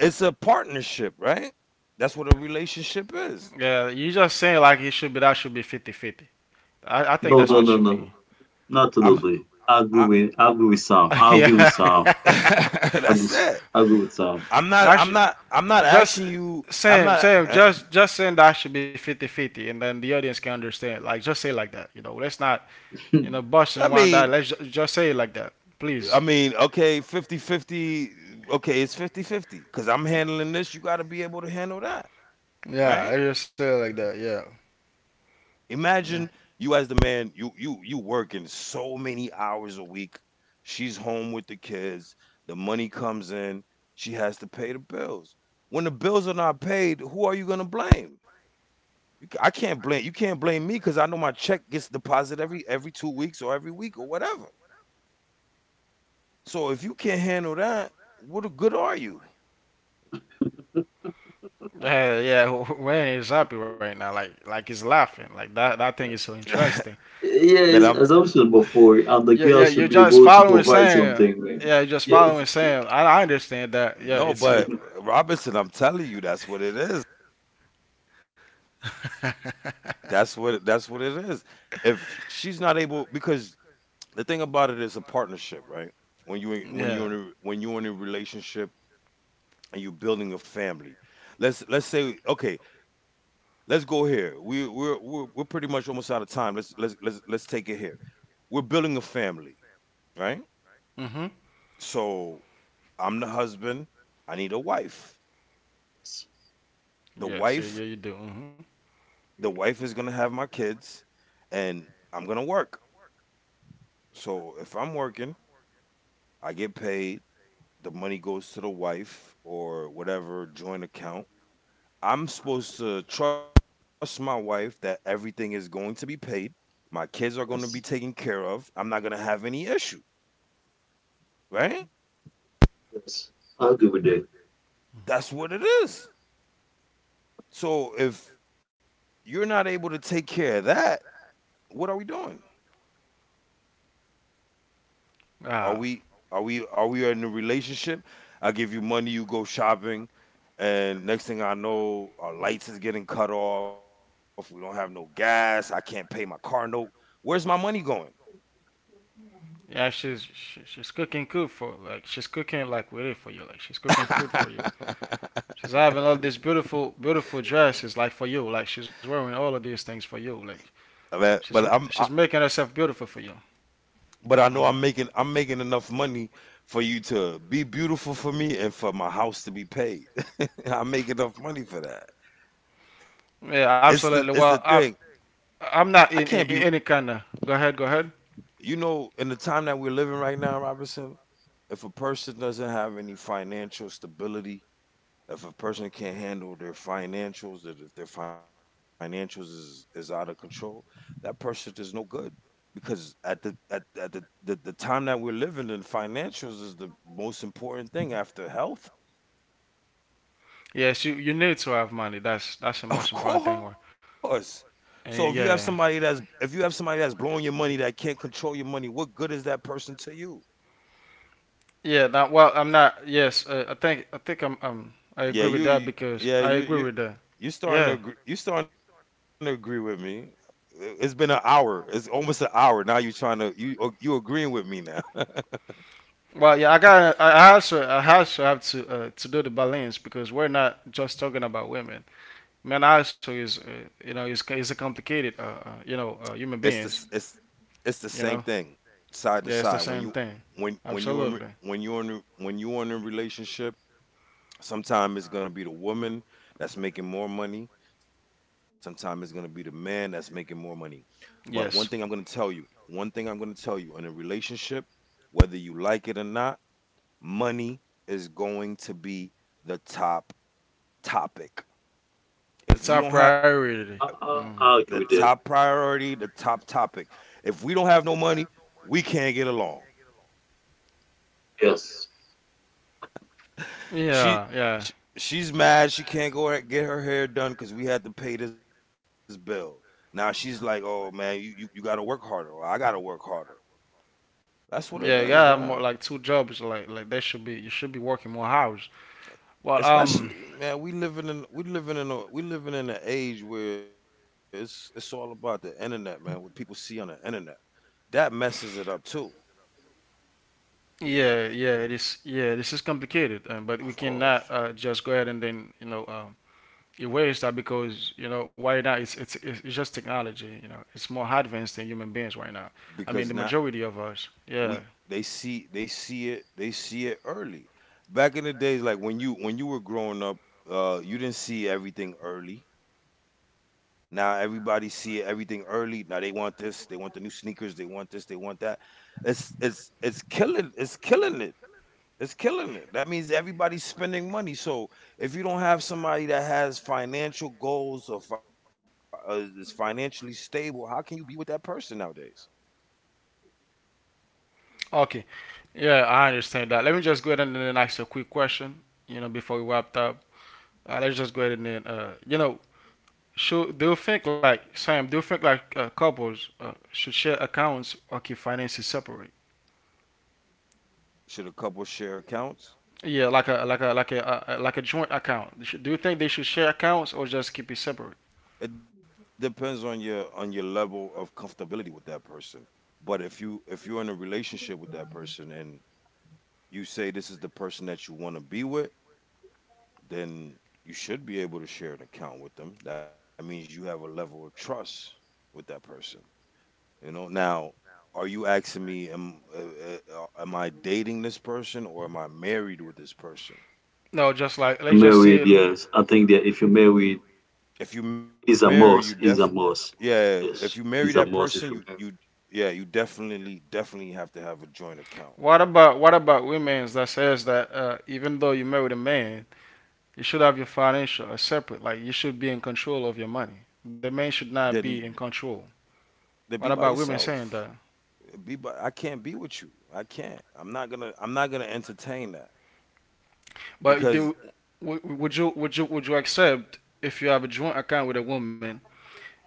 it's a partnership, right? That's what a relationship is. Yeah, you just saying like it should be that should be 50/50. I I'm No, think no, that's no, what you no. mean. Not I'm totally. I, I agree with Sam. I agree with Yeah. Sam. I agree, that's s- it. I agree with Sam. I'm not I I'm should not I'm not asking just you, I'm Sam, not just saying that should be 50/50, and then the audience can understand. Like just say it like that, you know. Let's not, busting I and wind that. mean, Let's just say it like that, I please. mean, okay, fifty-fifty. Okay, it's 5050, cuz I'm handling this, you got to be able to handle that, Yeah, right? I just say it like that. Yeah. Imagine Mm. you as the man, you working so many hours a week. She's home with the kids. The money comes in. She has to pay the bills. When the bills are not paid, who are you going to blame? You ca- I can't blame, you can't blame me, cuz I know my check gets deposited every 2 weeks or every week or whatever. So if you can't handle that, what good are you? Yeah, yeah. Wayne is happy right now. Like he's laughing. Like that. That thing is so interesting. Man, I'm Yes, as I mentioned before, and the Yeah, girl yeah. should You're be just able to following provide Sam. something. Man. Yeah, you're just Yes. following Sam. I understand that. Yeah, no, it's. It but Yes. Robinson, I'm telling you that's what it is. That's what, that's what it is. If she's not able, because the thing about it is a partnership, right? When you in- when you're Yeah. in a, when you're in a relationship and you're building a family, let's say okay, let's go here. We're pretty much almost out of time. Let's take it here. We're building a family, right? Mm-hmm. So I'm the husband. I need a wife. The Yes. Yeah. wife Yeah. You do. Mm-hmm. the wife is gonna have my kids, and I'm gonna work. So if I'm working, I get paid. The money goes to the wife or whatever joint account. I'm supposed to trust my wife that everything is going to be paid. My kids are going to be Yes. taken care of. I'm not going to have any issue, right? Yes. I agree with that. That's what it is. So if you're not able to take care of that, what are we doing? Are Ah. we, are we in a relationship? I give you money, you go shopping, and next thing I know, our lights is getting cut off. We don't have no gas. I can't pay my car note. Where's my money going? Yeah. She's cooking food for like she's cooking like with it for you. Like she's cooking food for you. She's having all these beautiful beautiful dresses like for you. Like she's wearing all of these things for you. Like Man, she's. Yeah, she's making herself beautiful for you. but I know I'm Hmm. making I'm But making enough money for you to be beautiful for me and for my house to be paid. I make enough money for that. It's the yeah. thing. Absolutely. Well, I I I'm can't not be, in any kind of. Go ahead. Go ahead. you know, in the time that we're living right now, Robinson, if a person doesn't have any financial stability, if a person can't handle their financials, that if their financials is out of control, that person is no good. Because at the, the time that we're living in, financials is the most important thing after health. Yes. You need to have money. That's the Of most important thing, right? course. So if you have And somebody that's, yeah, if you have somebody that's blowing your money, that can't control your money, what good is that person to you? yeah. Now, well, I'm not. Yes, I think I'm. I Yeah, agree with you, that you because yeah, I you agree you with that. you starting to Yeah. agree, you starting to agree with me. I- It's been an hour. It's almost an hour. Now you trying to, you ag- you agreeing with me now. Well, yeah. I got. I also have to do the balance because we're not just talking about women. Men also is. Is a complicated. It's this Human it's beings. it's the same You know. thing side to Yeah, it's side. the When you, same thing. When you're in re- Absolutely. when you're in a- when you're in a relationship, sometimes it's gonna be the woman that's making more money. Sometimes it's gonna be the man that's making more money. But one thing I'm gonna Yes. tell you, one thing I'm gonna tell you in a relationship, whether you like it or not, money is going to be the top topic. If we The don't top have priority. The top Mm. I agree with that. priority, the top topic, if we don't have no money, we can't get along. Yes. She, Yeah, she yeah, she's mad, she can't go a- get her hair done because we had to pay this bill. Now she's like, oh man, you gotta work harder, or I gotta work harder. That's what it yeah. You is, gotta have man. more like two jobs. Like they should be. You should be working more hours. Well, Especially, man, we living in an age where it's all about the internet, man. What people see on the internet, that messes it up too. yeah, yeah. It is. Yeah, this is complicated. But we Of cannot course, just go ahead and then erase that because why not? It's just technology. You know, it's more advanced than human beings right now. I mean, the because not, majority of us. Yeah. we they see it early. Back in the days, like when you, when you were growing up, you didn't see everything early. Now everybody see everything early. Now they want this, they want the new sneakers, they want this, they want that. It's killing it. It's killing it. That means everybody's spending money. So if you don't have somebody that has financial goals or fi- is financially stable, how can you be with that person nowadays? Okay. Yeah, I understand that. Let me just go ahead and then ask you a quick question. You know, before we wrap up. Let's just go ahead and then, should do you think like Sam? Do you think like couples should share accounts or keep finances separate? Should a couple share accounts? Yeah, like a like a joint account. Do you think they should share accounts or just keep it separate? It depends on your, on your level of comfortability with that person. But if you, if you're in a relationship with that person and you say this is the person that you want to be with, then you should be able to share an account with them. That means you have a level of trust with that person. You know, now, are you asking me, am I dating this person or am I married with this person? No, just like let's just say. Married, Yes. yes. I think that if you're married, If you marry, you it's a definitely, must. It's a yeah, must. if you marry Yes, that it is a person, must you, if you're you, yeah, you definitely, definitely have to have a joint account. What about women that says that even though you married a man, you should have your financial separate. Like you should be in control of your money. The man should Then, not be in control. then be by What about women yourself. saying that? Be by, I can't be with you. I can't. I'm not gonna entertain that, But because do Would you accept if you have a joint account with a woman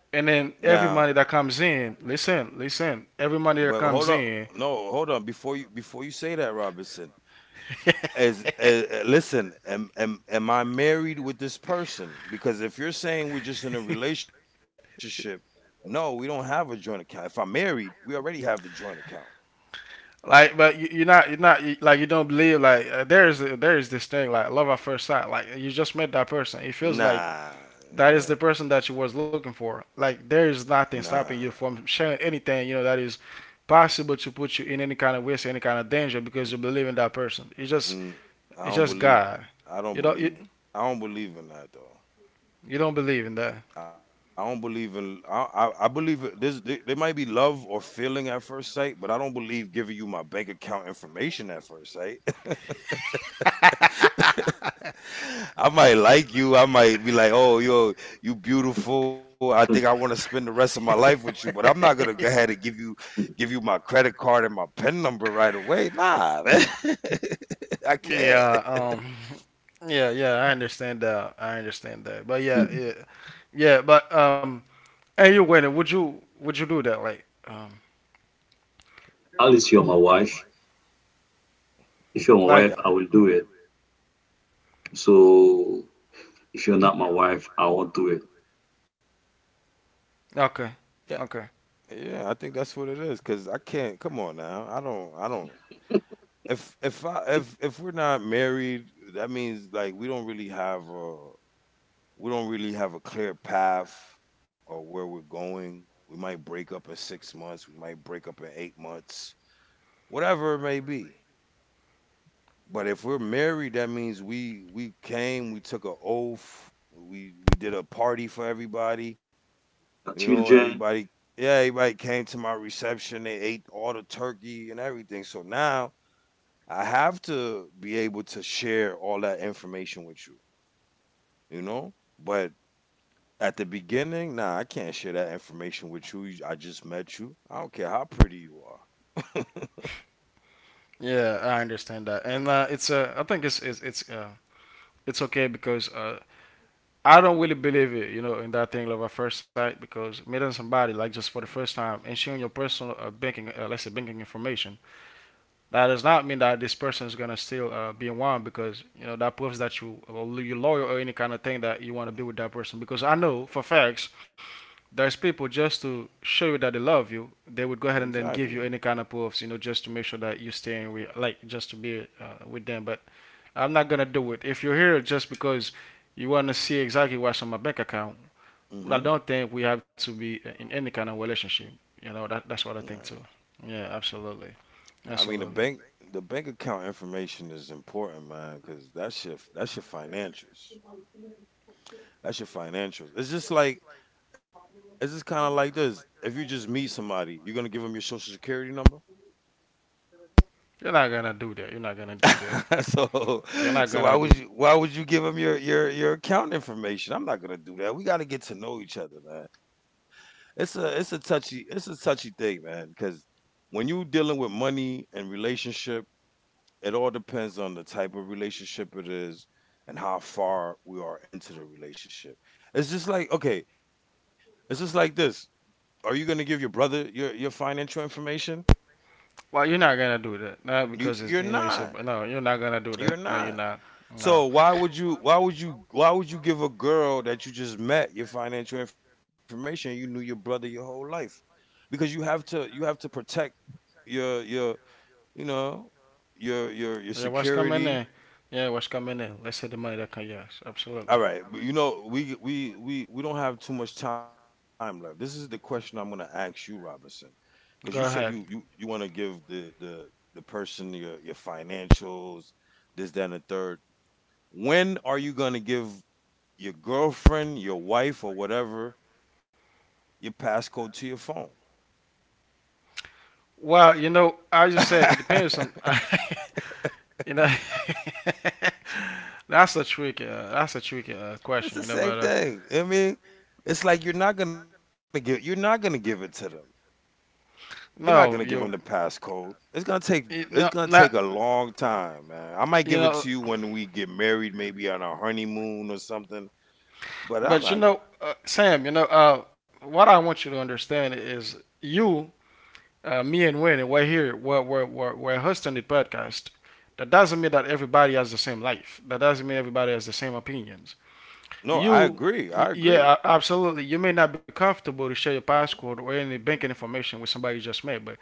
and then every money that comes in, listen, listen, every money but that hold on. comes in, No, hold on. Before you say that, Robinson, as, listen, am, am I married with this person? Because if you're saying we're just in a relationship, no, we don't have a joint account. If I'm married, we already have the joint account. like, but you, you're not, you, like, you don't believe, like, there is, this thing, like, love at first sight, like, you just met that person. It feels like Nah. that is the eh, person that you was looking for. Like, there is nothing nah. stopping you from sharing anything, that is possible to put you in any kind of risk, any kind of danger because you believe in Mm, that person. Mm. It's just i don't God. believe You don't i you, don't believe I don't believe in that, though. you don't believe in that. I don't believe in, I believe it- there's there, there might be love or feeling at first sight, but I don't believe giving you my bank account information at first sight. I might like you. I might be like, oh, yo, you beautiful. I married. think I want to spend the rest of my life with you, but I'm not gonna go ahead and give you my credit card and my PIN number right away. Nah, man. I can't. Yeah, yeah, yeah, I understand that. I understand that. But yeah, yeah. Yeah, but and you winning, would you do that like At you're my wife. If you're my like. wife, Yeah, I will do it. So if you're not my wife, I won't do it. Okay. yeah, Okay. yeah, I think that's what it is. Cause I can't. Come on now. I don't. I don't. If I if we're not married, that means like we don't really have a clear path or where we're going. We might break up in 6 months, we might break up in 8 months, whatever it may be. But if we're married, that means we came, we took an oath, we did a party for everybody. You know, Children. everybody yeah, everybody came to my reception, they ate all the turkey and everything. So now I have to be able to share all that information with you, you know? But at the beginning, nah, I can't share that information with you. I just met you. I don't care how pretty you are. Yeah, I understand that. And it's I think it's okay because I don't really believe it, in that thing love at first sight because meeting somebody like just for the first time and sharing your personal banking, let's say banking information, that does not mean that this person is gonna still be in one because that proves that you loyal or any kind of thing that you want to be with that person. Because I know for facts, there's people just to show you that they love you, they would go ahead and then Exactly. give you any kind of proofs, just to make sure that you're staying with, like, just to be with them. But I'm not gonna do it. If you're here just because you want to see exactly what's on my bank account, Hmm. well, I don't think we have to be in any kind of relationship. That's what I think too. Yeah, absolutely, I mean absolutely. the bank account information is important, man, because that's your financials. That's your financials. It's just kind of like this. If you just meet somebody, you're gonna give them your social security number. You're not gonna do that. You're not gonna do that. so You're so not why gonna would do. you why would you give them your account information? I'm not gonna do that. We gotta get to know each other, man. It's a touchy thing, man. Because when you dealing with money and relationship, it all depends on the type of relationship it is and how far we are into the relationship. It's just like okay, it's just like this. Are you gonna give your brother your financial information? Well, you're not gonna do that. Not because You it's, you're it's a not. no. You're not gonna do that. You're No, you're not. not. No. So why would you why would you why would you give a girl that you just met your financial information? You knew your brother your whole life because you have to protect your you know your Yeah, what's coming security. in? Yeah, what's coming in? Let's hit the money that comes. Yes, All absolutely. right, but you know we don't have too much time left. This is the question I'm gonna ask you, Robinson, because you said Go you ahead. you you want to give the person your financials, this that and the third. When are you gonna give your girlfriend, your wife, or whatever, your passcode to your phone. Well, you know, as you said, it depends on. It's You know, that's a tricky. That's a tricky question. the You know, same but thing. I mean, it's like you're not gonna give it to them. You're not gonna no, give them the you. passcode. It's gonna take you it's no, gonna take not. a long time, man. I might You give it know, to you when we get married, maybe on our honeymoon or something. But I'm but not gonna. Sam. You know, what I want you to understand is you, me, and Wayne, we're here. We're hosting the podcast. That doesn't mean that everybody has the same life. That doesn't mean everybody has the same opinions. No, I You, agree. y- I agree. yeah, a- Absolutely. You may not be comfortable to share your passcode or any banking information with somebody you just met, but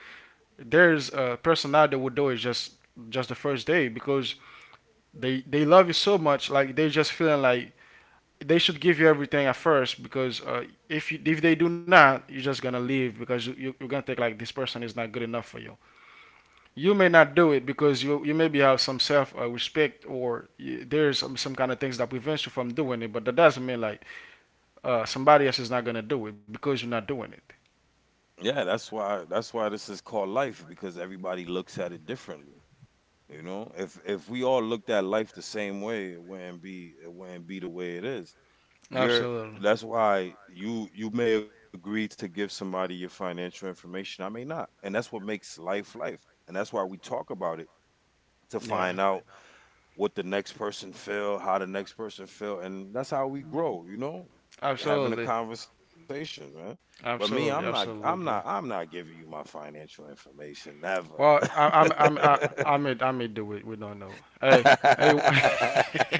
there's a person out there who would do it just the first day because they love you so much, like they just feeling like they should give you everything at first because if they do not, you're just gonna leave because you're gonna think like this person is not good enough for you. You may not do it because you maybe have some self respect or there's some kind of things that prevents you from doing it, but that doesn't mean like somebody else is not gonna do it because you're not doing it. Yeah, that's why this is called life because everybody looks at it differently. You know, if we all looked at life the same way, it wouldn't be the way it is. You're Absolutely, That's why you may agree to give somebody your financial information. I may not, and that's what makes life life. And that's why we talk about it to yeah. find out what the next person feel, how the next person feel, and that's how we grow. You know, having a Absolutely, conversation, man. But me, absolutely, absolutely. I'm not giving you my financial information. Never. Well, I, I'm I may do it. We don't know. Hey, hey,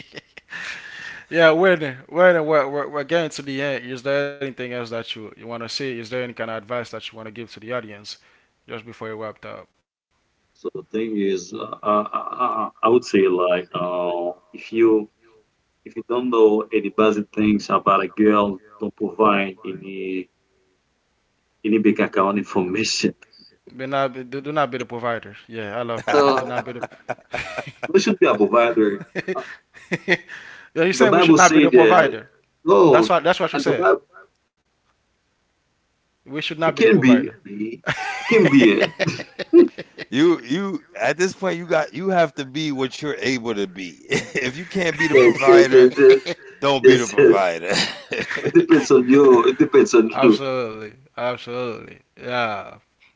yeah, when we're getting to the end, is there anything else that you want to say? Is there any kind of advice that you want to give to the audience just before you wrap up? So the thing is, I would say like, if you don't know any basic things about a girl, don't provide any bank account information. Be not be- Do not be the provider. Yeah, I love that. Do not No, be the. there should be a provider. Yeah, you're The saying we should Bible not be the said, provider. That's "No, what that's what you and the said. Bible We should not be the provider. It can be." You at this point you have to be what you're able to be. If you can't be the Yes, yes, provider, yes, yes, don't be the yes, yes. provider. It depends on you. It depends on you. Absolutely, absolutely. Yeah,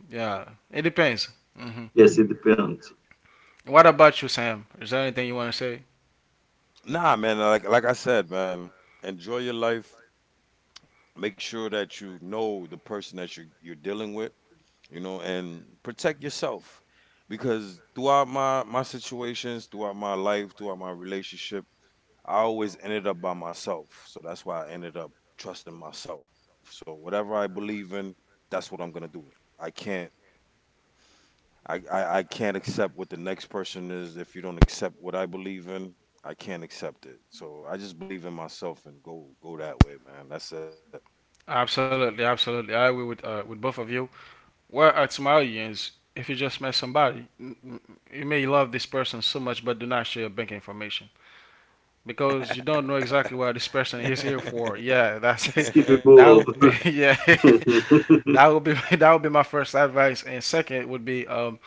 yeah. It depends. Hmm. Yes, it depends. What about you, Sam? Is there anything you want to say? Nah, man, like I said, man, enjoy your life. Make sure that you know the person that you're dealing with, you know, and protect yourself. Because throughout my situations, throughout my life, throughout my relationship, I always ended up by myself. So that's why I ended up trusting myself. So whatever I believe in, that's what I'm gonna do. I can't I can't accept what the next person is if you don't accept what I believe in. I can't accept it. So I just believe in myself and go that way, man. That's it. Absolutely, absolutely. I agree with both of you. Where at Somalians, if you just met somebody, you may love this person so much, but do not share your bank information because you don't know exactly what this person is here for. Yeah, that's it. Skip people That would off. be yeah. that would be that would be my first advice. And second would be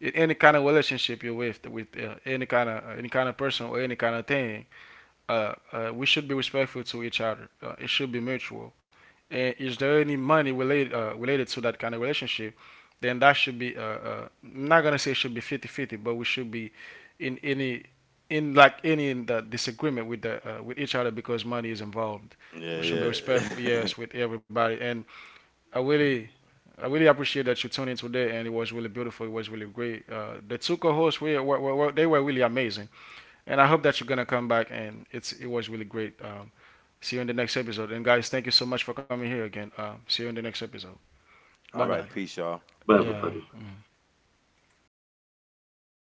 in any kind of relationship you're with, any kind of person or any kind of thing, we should be respectful to each other. It should be mutual. And is there any money related to that kind of relationship? Then that should be I'm not gonna say it should be 50/50, but we should be in any in like any in the disagreement with each other because money is involved. We Yeah, should be respectful, yeah. yes, with everybody. And I really I really appreciate that you tuned in today, and it was really beautiful. It was really great. The two co-hosts they were really amazing, and I hope that you're gonna come back. And it was really great. See you in the next episode. And guys, thank you so much for coming here again. See you in the next episode. All Bye right, Bye, bye. peace, y'all. bye, Yeah. everybody. Mm.